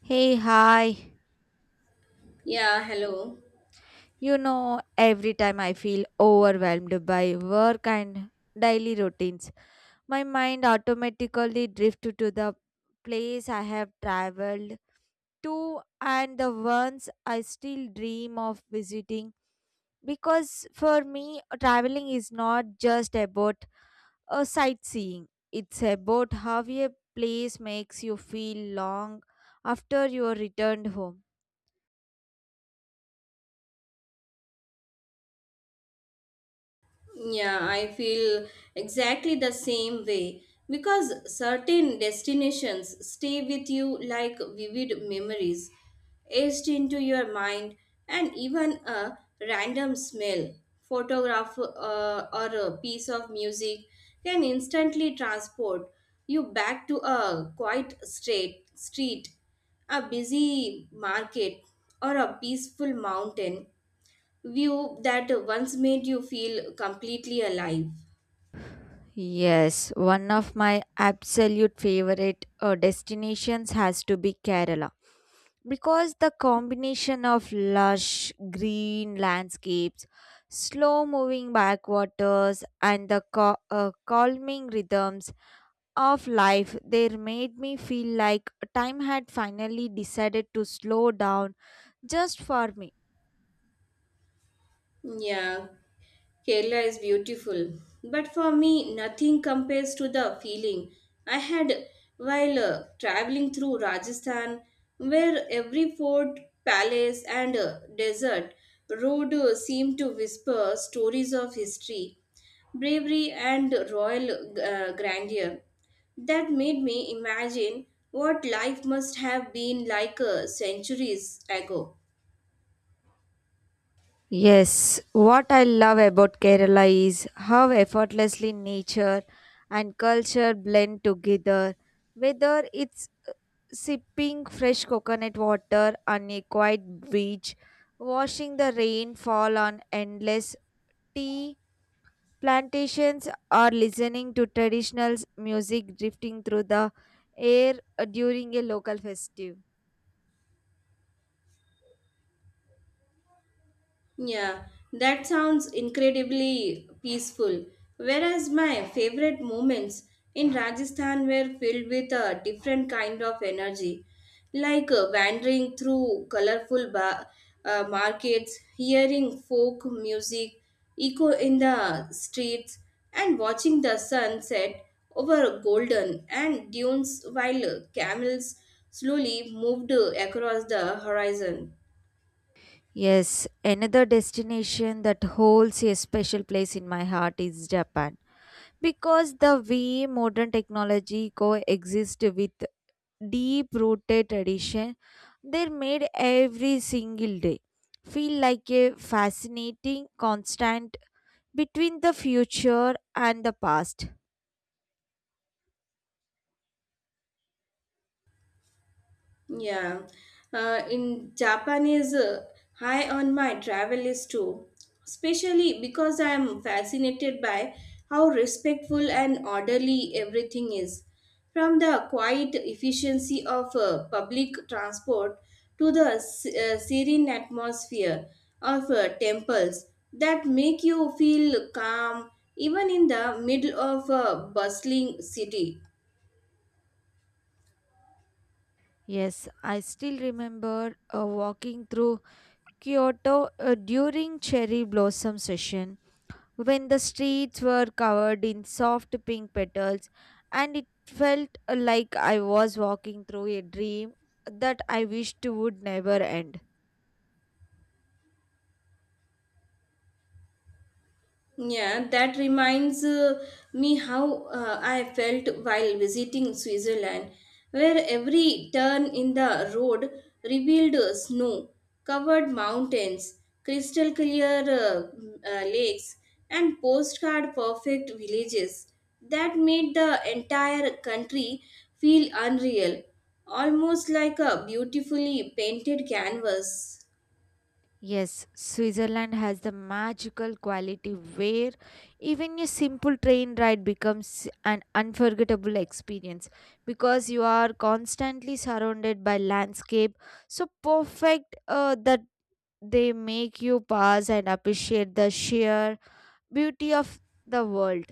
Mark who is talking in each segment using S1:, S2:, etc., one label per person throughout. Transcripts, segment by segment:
S1: Hey, hi.
S2: Yeah, hello.
S1: Every time I feel overwhelmed by work and daily routines, my mind automatically drifts to the place I have traveled to and the ones I still dream of visiting. Because for me, traveling is not just about a sightseeing, it's about how a place makes you feel long after you are returned home.
S2: Yeah, I feel exactly the same way because certain destinations stay with you like vivid memories, etched into your mind, and even a random smell, photograph, or a piece of music can instantly transport you back to a quiet street, a busy market, or a peaceful mountain view that once made you feel completely alive.
S1: Yes, one of my absolute favorite destinations has to be Kerala because the combination of lush green landscapes, slow moving backwaters, and the calming rhythms of life there made me feel like time had finally decided to slow down just for me.
S2: Yeah, Kerala is beautiful, but for me, nothing compares to the feeling I had while traveling through Rajasthan, where every fort, palace, and desert road seemed to whisper stories of history, bravery, and royal grandeur. That made me imagine what life must have been like centuries ago.
S1: Yes, what I love about Kerala is how effortlessly nature and culture blend together, whether it's sipping fresh coconut water on a quiet beach, watching the rain fall on endless tea plantations, or listening to traditional music drifting through the air during a local festive.
S2: Yeah, that sounds incredibly peaceful. Whereas my favorite moments in Rajasthan were filled with a different kind of energy, like wandering through colorful markets, hearing folk music echo in the streets, and watching the sunset over golden and dunes while camels slowly moved across the horizon.
S1: Yes, another destination that holds a special place in my heart is Japan, because the way modern technology coexist with deep rooted tradition, they made every single day feel like a fascinating constant between the future and the past.
S2: Yeah, in Japan is high on my travel list too, especially because I am fascinated by how respectful and orderly everything is. From the quiet efficiency of public transport to the serene atmosphere of temples that make you feel calm even in the middle of a bustling city.
S1: Yes, I still remember walking through Kyoto during cherry blossom session when the streets were covered in soft pink petals, and it felt like I was walking through a dream that I wished would never end.
S2: Yeah, that reminds me how I felt while visiting Switzerland, where every turn in the road revealed snow covered mountains, crystal clear lakes, and postcard perfect villages that made the entire country feel unreal, almost like a beautifully painted canvas.
S1: Yes, Switzerland has the magical quality where even a simple train ride becomes an unforgettable experience because you are constantly surrounded by landscape so perfect that they make you pause and appreciate the sheer beauty of the world.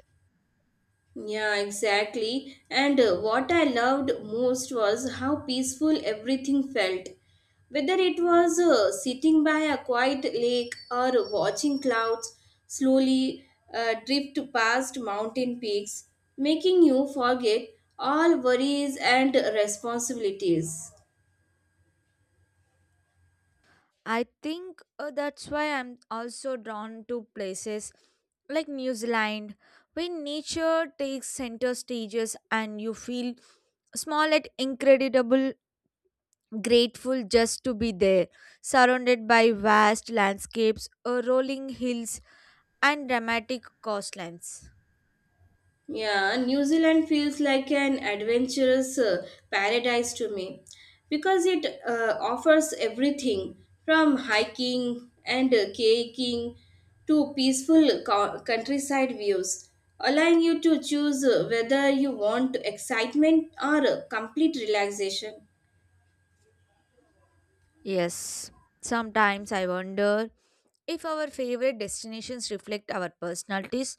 S2: Yeah, exactly. And what I loved most was how peaceful everything felt. Whether it was sitting by a quiet lake or watching clouds slowly drift past mountain peaks, making you forget all worries and responsibilities.
S1: I think that's why I'm also drawn to places like New Zealand, where nature takes center stages and you feel small and incredible grateful just to be there, surrounded by vast landscapes, rolling hills, and dramatic coastlines.
S2: Yeah, New Zealand feels like an adventurous paradise to me because it offers everything from hiking and kayaking to peaceful countryside views, allowing you to choose whether you want excitement or complete relaxation.
S1: Yes, sometimes I wonder if our favorite destinations reflect our personalities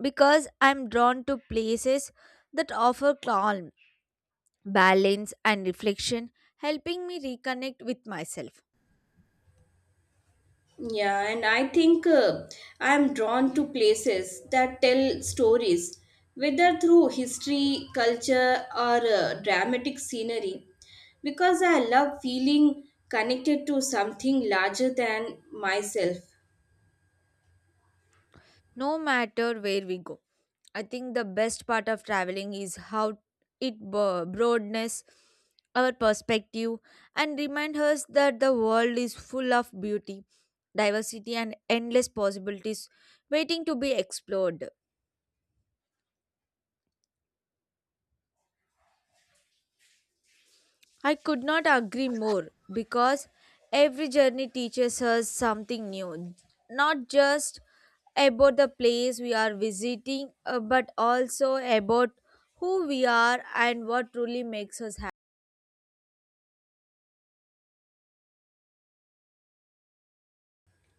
S1: because I'm drawn to places that offer calm balance, and reflection, helping me reconnect with myself,
S2: Yeah, and I think I'm drawn to places that tell stories, whether through history, culture, or dramatic scenery, because I love feeling connected to something larger than myself.
S1: no matter where we go. I think the best part of traveling is how it broadens our perspective and reminds us that the world is full of beauty, diversity, and endless possibilities waiting to be explored. I could not agree more because every journey teaches us something new, not just about the place we are visiting, but also about who we are and what truly makes us.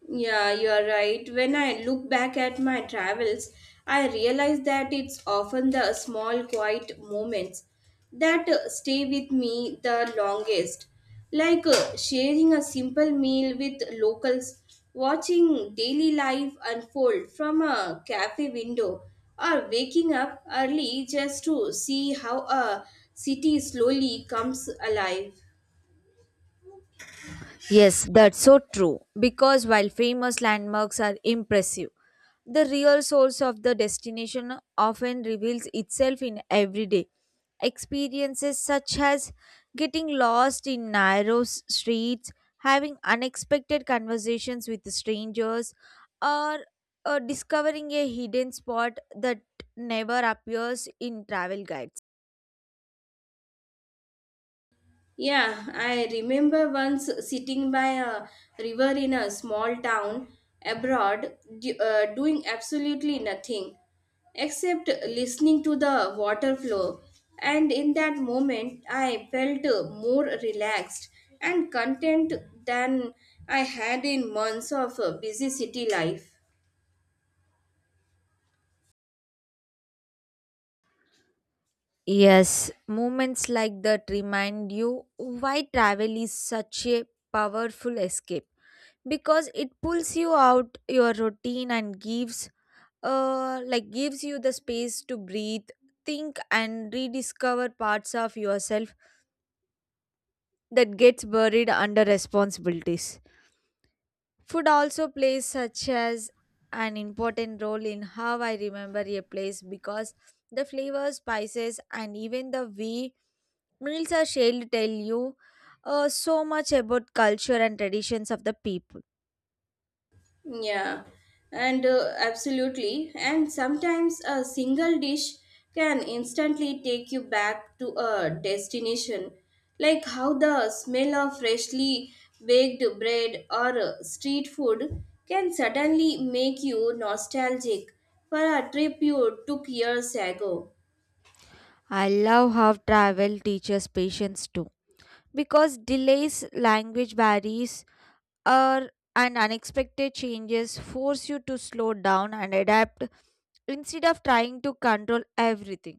S2: Yeah, you are right. When I look back at my travels, I realize that it's often the small, quiet moments that stay with me the longest. Like sharing a simple meal with locals, watching daily life unfold from a cafe window, or waking up early just to see how a city slowly comes alive.
S1: Yes, that's so true. Because while famous landmarks are impressive, the real source of the destination often reveals itself in everyday experiences, such as getting lost in narrow streets, having unexpected conversations with strangers, or discovering a hidden spot that never appears in travel guides.
S2: Yeah, I remember once sitting by a river in a small town abroad, doing absolutely nothing except listening to the water flow. And in that moment, I felt more relaxed and content than I had in months of busy city life.
S1: Yes, moments like that remind you why travel is such a powerful escape because it pulls you out your routine and gives you the space to breathe, think and rediscover parts of yourself that gets buried under responsibilities. Food also plays such as an important role in how I remember a place because the flavors, spices, and even the way meals are shared tell you so much about culture and traditions of the people.
S2: Yeah, and absolutely. And sometimes a single dish can instantly take you back to a destination, like how the smell of freshly baked bread or street food can suddenly make you nostalgic for a trip you took years ago.
S1: I love how travel teaches patience too because delays, language barriers, or and unexpected changes force you to slow down and adapt instead of trying to control everything.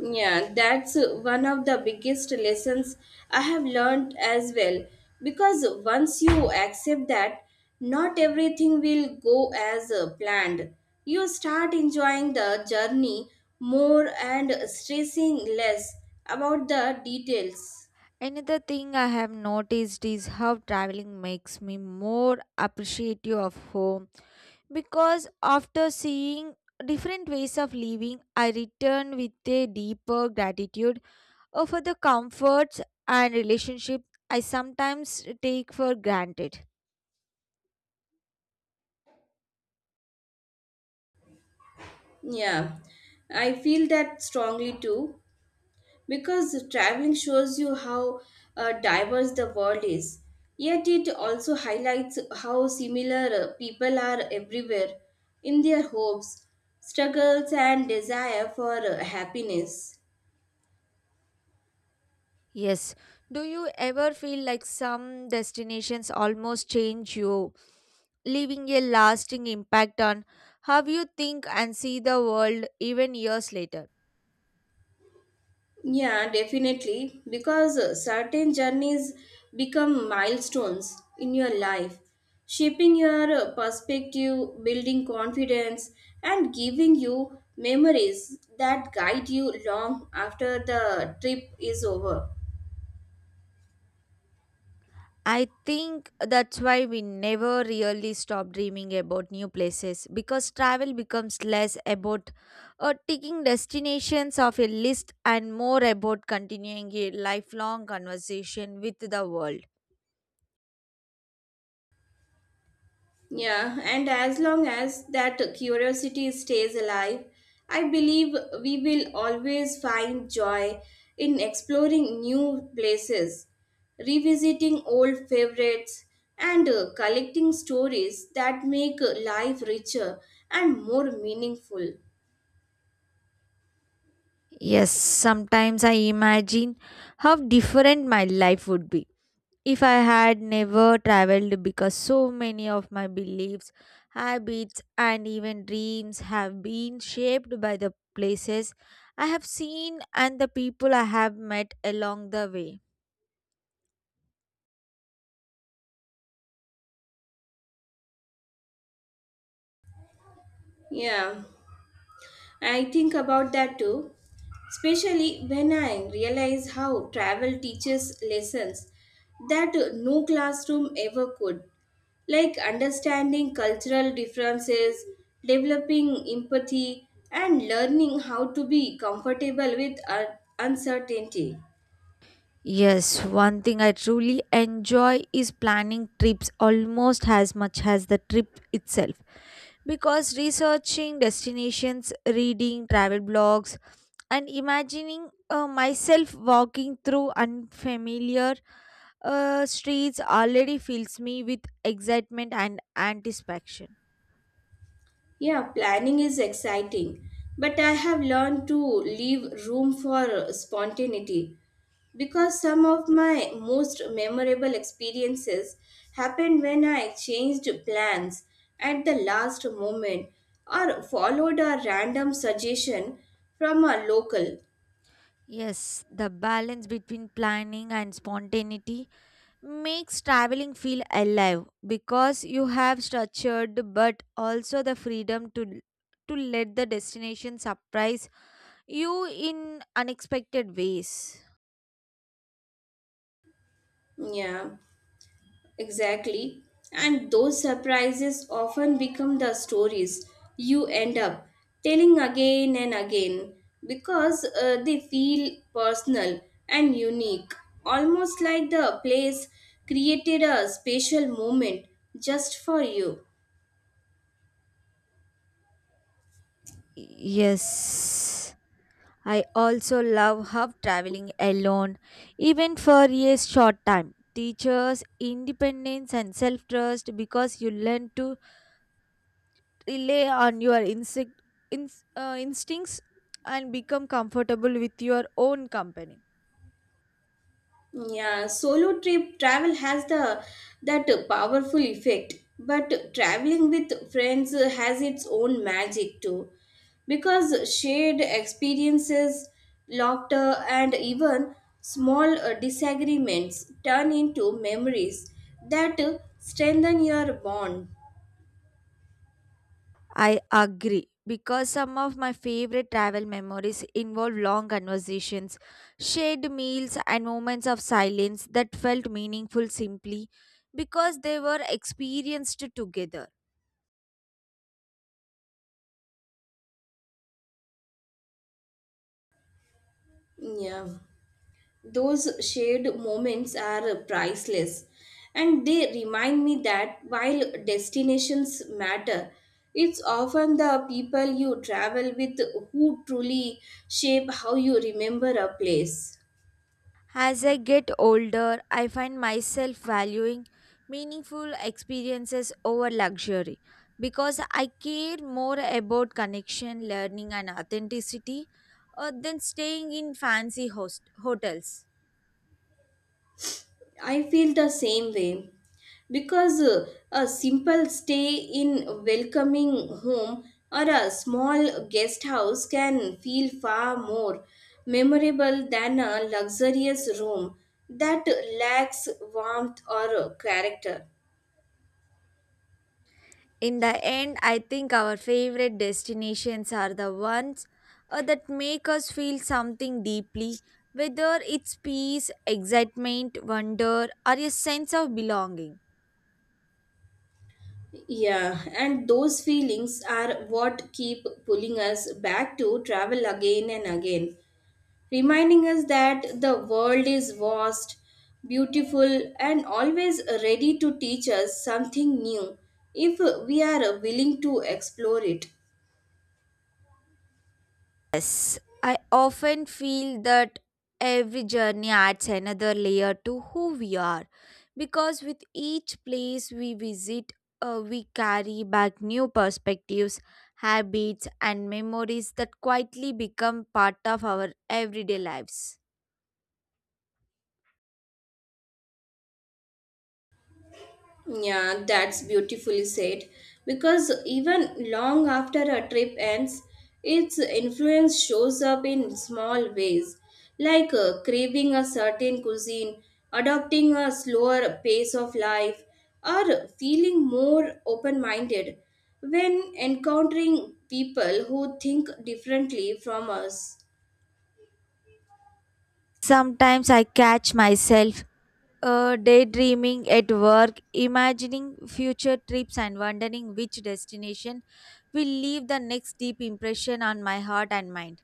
S2: Yeah, that's one of the biggest lessons I have learned as well. Because once you accept that not everything will go as planned, you start enjoying the journey more and stressing less about the details.
S1: Another thing I have noticed is how traveling makes me more appreciative of home because after seeing different ways of living, I return with a deeper gratitude for the comforts and relationships I sometimes take for granted.
S2: Yeah, I feel that strongly too because traveling shows you how diverse the world is. Yet it also highlights how similar people are everywhere in their hopes, struggles, and desire for happiness.
S1: Yes, do you ever feel like some destinations almost change you, leaving a lasting impact on how you think and see the world even years later?
S2: Yeah, definitely. Because certain journeys become milestones in your life, shaping your perspective, building confidence, and giving you memories that guide you long after the trip is over.
S1: I think that's why we never really stop dreaming about new places because travel becomes less about ticking destinations off a list and more about continuing a lifelong conversation with the world.
S2: Yeah, and as long as that curiosity stays alive, I believe we will always find joy in exploring new places, revisiting old favorites, and collecting stories that make life richer and more meaningful.
S1: Yes, sometimes I imagine how different my life would be if I had never traveled because so many of my beliefs, habits, and even dreams have been shaped by the places I have seen and the people I have met along the way.
S2: Yeah. I think about that too, especially when I realize how travel teaches lessons that no classroom ever could, like understanding cultural differences, developing empathy, and learning how to be comfortable with uncertainty.
S1: Yes, one thing I truly enjoy is planning trips almost as much as the trip itself. Because researching destinations, reading travel blogs, and imagining myself walking through unfamiliar streets already fills me with excitement and anticipation.
S2: Yeah, planning is exciting, but I have learned to leave room for spontaneity because some of my most memorable experiences happened when I changed plans at the last moment or followed a random suggestion from a local.
S1: Yes, the balance between planning and spontaneity makes traveling feel alive because you have structured but also the freedom to let the destination surprise you in unexpected ways.
S2: Yeah. Exactly. And those surprises often become the stories you end up telling again and again because they feel personal and unique, almost like the place created a special moment just for you.
S1: Yes. I also love how traveling alone, even for a short time, teaches independence and self trust because you learn to rely on your instinct, instincts and become comfortable with your own company.
S2: Yeah, solo trip travel has the that powerful effect, but traveling with friends has its own magic too, because shared experiences, laughter, and even small disagreements turn into memories that strengthen your bond.
S1: I agree because some of my favorite travel memories involve long conversations, shared meals, and moments of silence that felt meaningful simply because they were experienced together.
S2: Yeah. Those shared moments are priceless, and they remind me that while destinations matter, it's often the people you travel with who truly shape how you remember a place.
S1: As I get older, I find myself valuing meaningful experiences over luxury because I care more about connection, learning, and authenticity than staying in fancy hotels.
S2: I feel the same way because a simple stay in a welcoming home or a small guest house can feel far more memorable than a luxurious room that lacks warmth or character.
S1: In the end, I think our favorite destinations are the ones that make us feel something deeply, whether it's peace, excitement, wonder, or a sense of belonging.
S2: Yeah, and those feelings are what keep pulling us back to travel again and again, reminding us that the world is vast, beautiful, and always ready to teach us something new if we are willing to explore it.
S1: Yes, I often feel that every journey adds another layer to who we are because with each place we visit, we carry back new perspectives, habits, and memories that quietly become part of our everyday lives.
S2: Yeah, that's beautifully said. Because even long after a trip ends, its influence shows up in small ways, like craving a certain cuisine, adopting a slower pace of life, or feeling more open minded when encountering people who think differently from us.
S1: Sometimes I catch myself daydreaming at work, imagining future trips, and wondering which destination will leave the next deep impression on my heart and mind.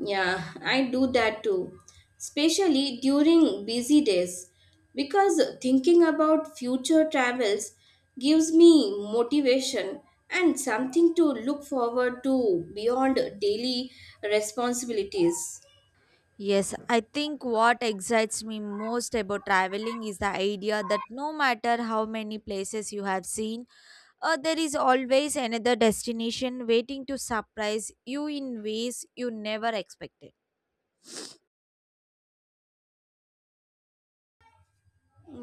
S2: Yeah, I do that too, especially during busy days because thinking about future travels gives me motivation and something to look forward to beyond daily responsibilities.
S1: Yes, I think what excites me most about traveling is the idea that no matter how many places you have seen, there is always another destination waiting to surprise you in ways you never expected.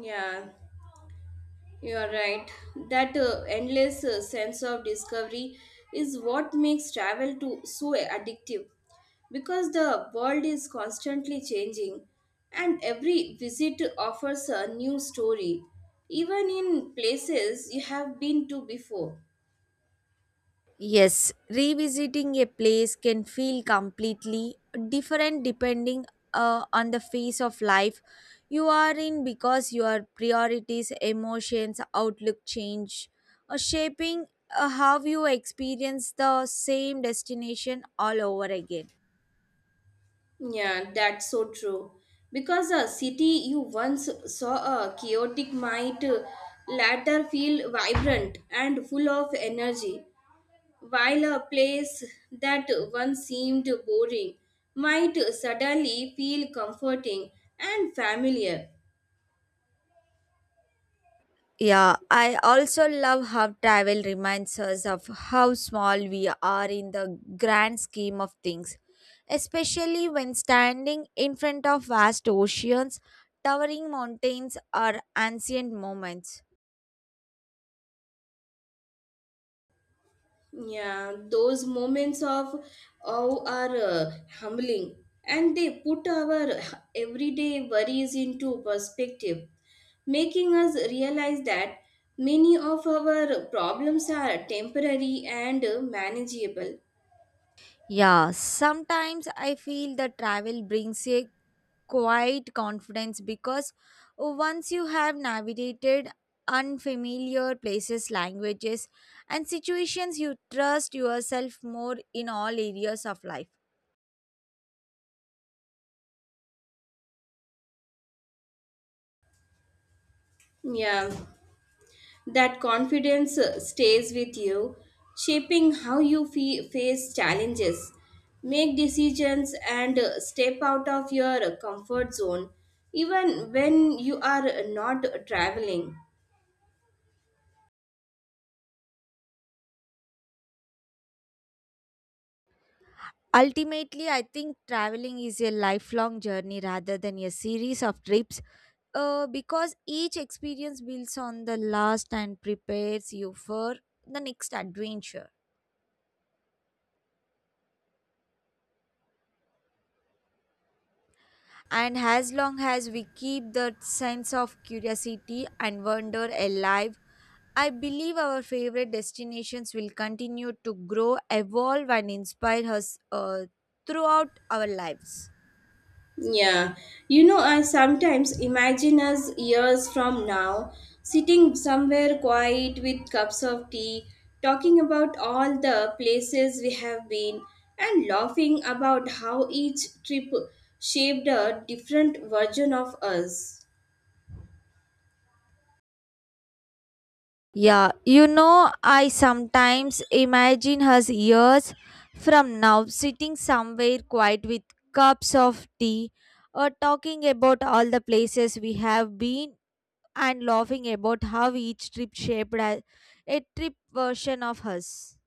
S2: Yeah. You are right. That endless sense of discovery is what makes travel to so addictive because the world is constantly changing and every visit offers a new story even in places you have been to before.
S1: Yes, revisiting a place can feel completely different depending on the phase of life you are in because your priorities, emotions, outlook change, shaping how you experience the same destination all over again.
S2: Yeah, that's so true. Because a city you once saw a chaotic might later feel vibrant and full of energy, while a place that once seemed boring might suddenly feel comforting and familiar.
S1: Yeah, I also love how travel reminds us of how small we are in the grand scheme of things, especially when standing in front of vast oceans, towering mountains, or ancient monuments.
S2: Yeah, those moments of awe are humbling, and they put our everyday worries into perspective, making us realize that many of our problems are temporary and manageable.
S1: Yeah, sometimes I feel that travel brings a quiet confidence because once you have navigated unfamiliar places, languages, and situations, you trust yourself more in all areas of life.
S2: Yeah, that confidence stays with you, shaping how you face challenges, make decisions, and step out of your comfort zone, even when you are not traveling.
S1: Ultimately, I think traveling is a lifelong journey rather than a series of trips because each experience builds on the last and prepares you for the next adventure. And as long as we keep that sense of curiosity and wonder alive, I believe our favorite destinations will continue to grow, evolve, and inspire us throughout our lives.
S2: Yeah, you know, I sometimes imagine us years from now sitting somewhere quiet with cups of tea, talking about all the places we have been, and laughing about how each trip shaped a different version of us.
S1: Yeah, you know, I sometimes imagine us years from now sitting somewhere quiet with cups of tea or talking about all the places we have been and laughing about how each trip shaped a trip version of us.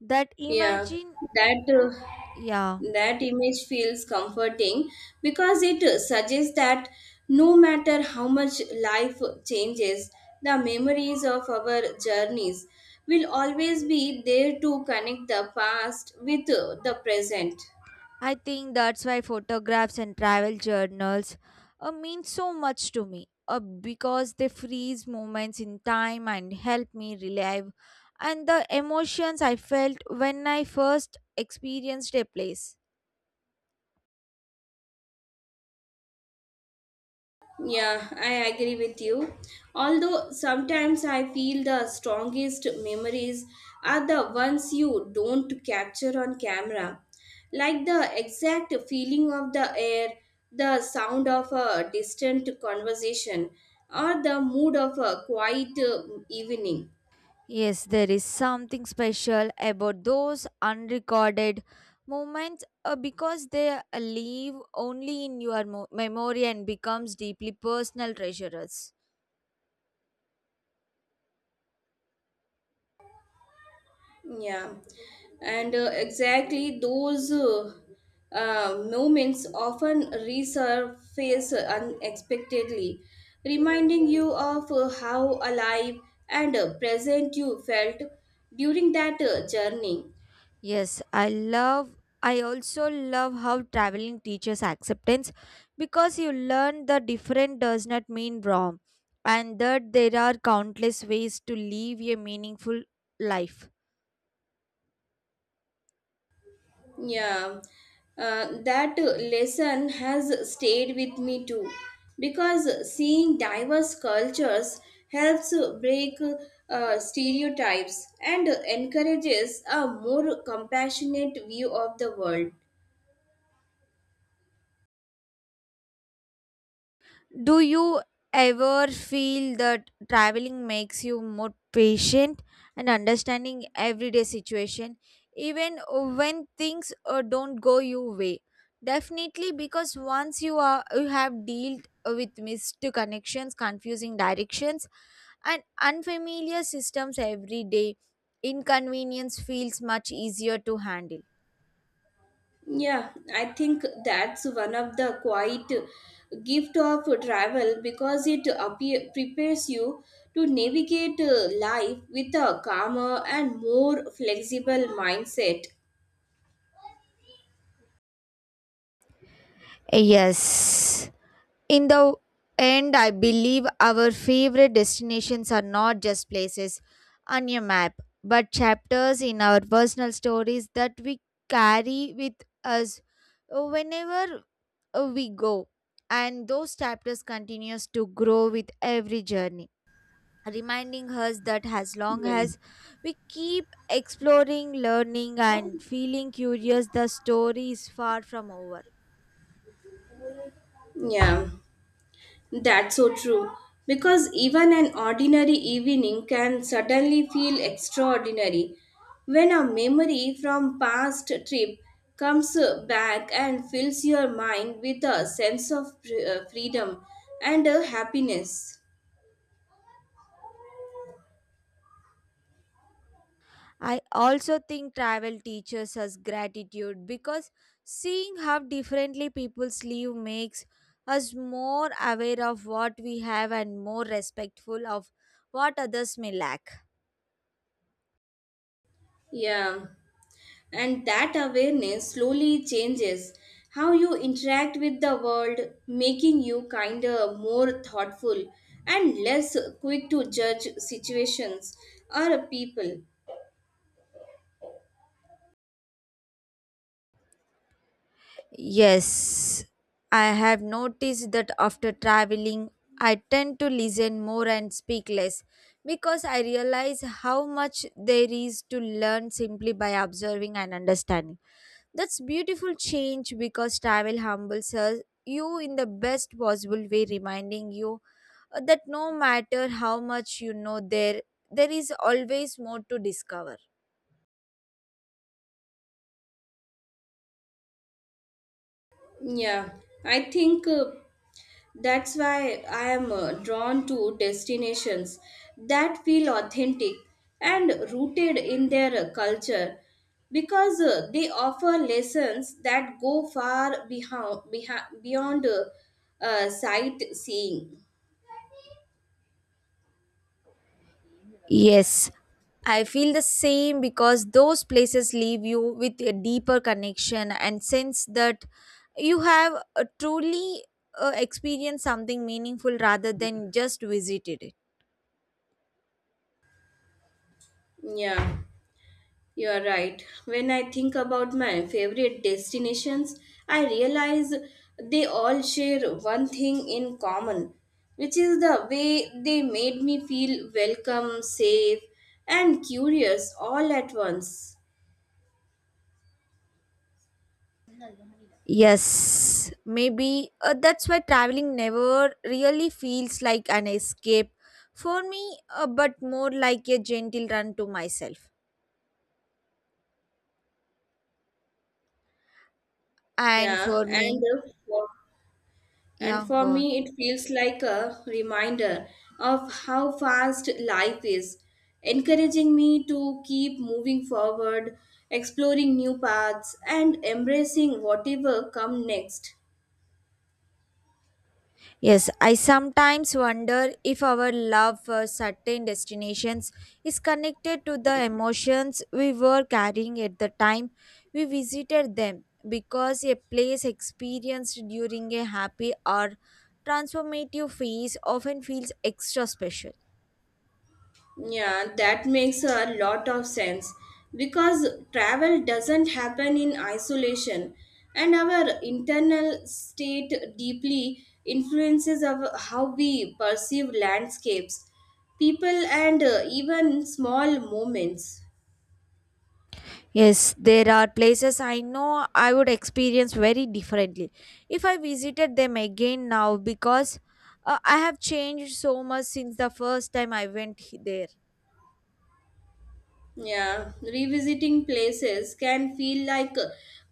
S1: That
S2: Yeah,
S1: imagine,
S2: that uh,
S1: yeah,
S2: that image feels comforting because it suggests that no matter how much life changes, the memories of our journeys will always be there to connect the past with the present.
S1: I think that's why photographs and travel journals mean so much to me because they freeze moments in time and help me relive and the emotions I felt when I first experienced a place.
S2: Yeah, I agree with you. Although sometimes I feel the strongest memories are the ones you don't capture on camera, like the exact feeling of the air, the sound of a distant conversation, or the mood of a quiet evening.
S1: Yes, there is something special about those unrecorded moments because they live only in your memory and becomes deeply personal treasures.
S2: Yeah, and exactly those moments often resurface unexpectedly, reminding you of how alive and present you felt during that journey.
S1: Yes, I also love how traveling teaches acceptance because you learn the different does not mean wrong and that there are countless ways to live a meaningful life.
S2: Yeah, that lesson has stayed with me too because seeing diverse cultures helps break stereotypes and encourages a more compassionate view of the world.
S1: Do you ever feel that traveling makes you more patient and understanding everyday situation even when things don't go your way? Definitely because once you have dealt with missed connections, confusing directions and unfamiliar systems every day, inconvenience feels much easier to handle.
S2: Yeah, I think that's one of the quiet gift of travel because it prepares you to navigate life with a calmer and more flexible mindset.
S1: Yes. In the end, I believe our favorite destinations are not just places on your map, but chapters in our personal stories that we carry with us whenever we go. And those chapters continues to grow with every journey, reminding us that as long
S2: Yeah.
S1: as we keep exploring, learning, and feeling curious, the story is far from over.
S2: Yeah, that's so true. Because even an ordinary evening can suddenly feel extraordinary when a memory from past trip comes back and fills your mind with a sense of freedom and happiness.
S1: I also think travel teaches us gratitude because seeing how differently people live makes us more aware of what we have and more respectful of what others may lack.
S2: Yeah. And that awareness slowly changes how you interact with the world, making you kinder, more thoughtful, and less quick to judge situations or people.
S1: Yes, I have noticed that after traveling, I tend to listen more and speak less because I realize how much there is to learn simply by observing and understanding. That's beautiful change because travel humbles us you in the best possible way, reminding you that no matter how much you know, there is always more to discover.
S2: Yeah, I think that's why I am drawn to destinations that feel authentic and rooted in their culture because they offer lessons that go far beyond sightseeing.
S1: Yes, I feel the same because those places leave you with a deeper connection and sense that you have truly experienced something meaningful rather than just visited it.
S2: Yeah. You are right. When I think about my favorite destinations, I realize they all share one thing in common, which is the way they made me feel welcome, safe, and curious all at once.
S1: Yes, maybe that's why traveling never really feels like an escape for me, but more like a gentle run to myself. And
S2: Yeah,
S1: for
S2: and
S1: me,
S2: uh, And
S1: yeah,
S2: for
S1: go on.
S2: me, it feels like a reminder of how fast life is, encouraging me to keep moving forward, exploring new paths, and embracing whatever comes next.
S1: Yes, I sometimes wonder if our love for certain destinations is connected to the emotions we were carrying at the time we visited them because a place experienced during a happy or transformative phase often feels extra special.
S2: Yeah, that makes a lot of sense because travel doesn't happen in isolation, and our internal state deeply influences of how we perceive landscapes, people, and even small moments.
S1: Yes, there are places I know I would experience very differently if I visited them again now because I have changed so much since the first time I went there.
S2: Yeah, revisiting places can feel like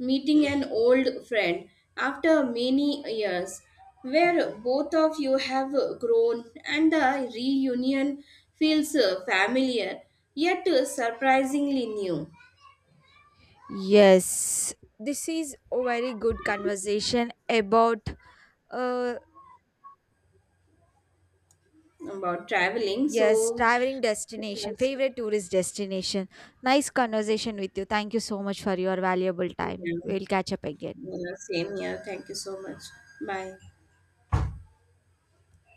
S2: meeting an old friend after many years, where both of you have grown and the reunion feels familiar yet surprisingly new
S1: Yes, this is a very good conversation about uh
S2: about traveling.
S1: yes,
S2: So,
S1: traveling
S2: yeah,
S1: destination, favorite tourist destination. Nice conversation with you. Thank you so much for your valuable time. We'll catch up again.
S2: yeah, same here. Thank you so much. Bye.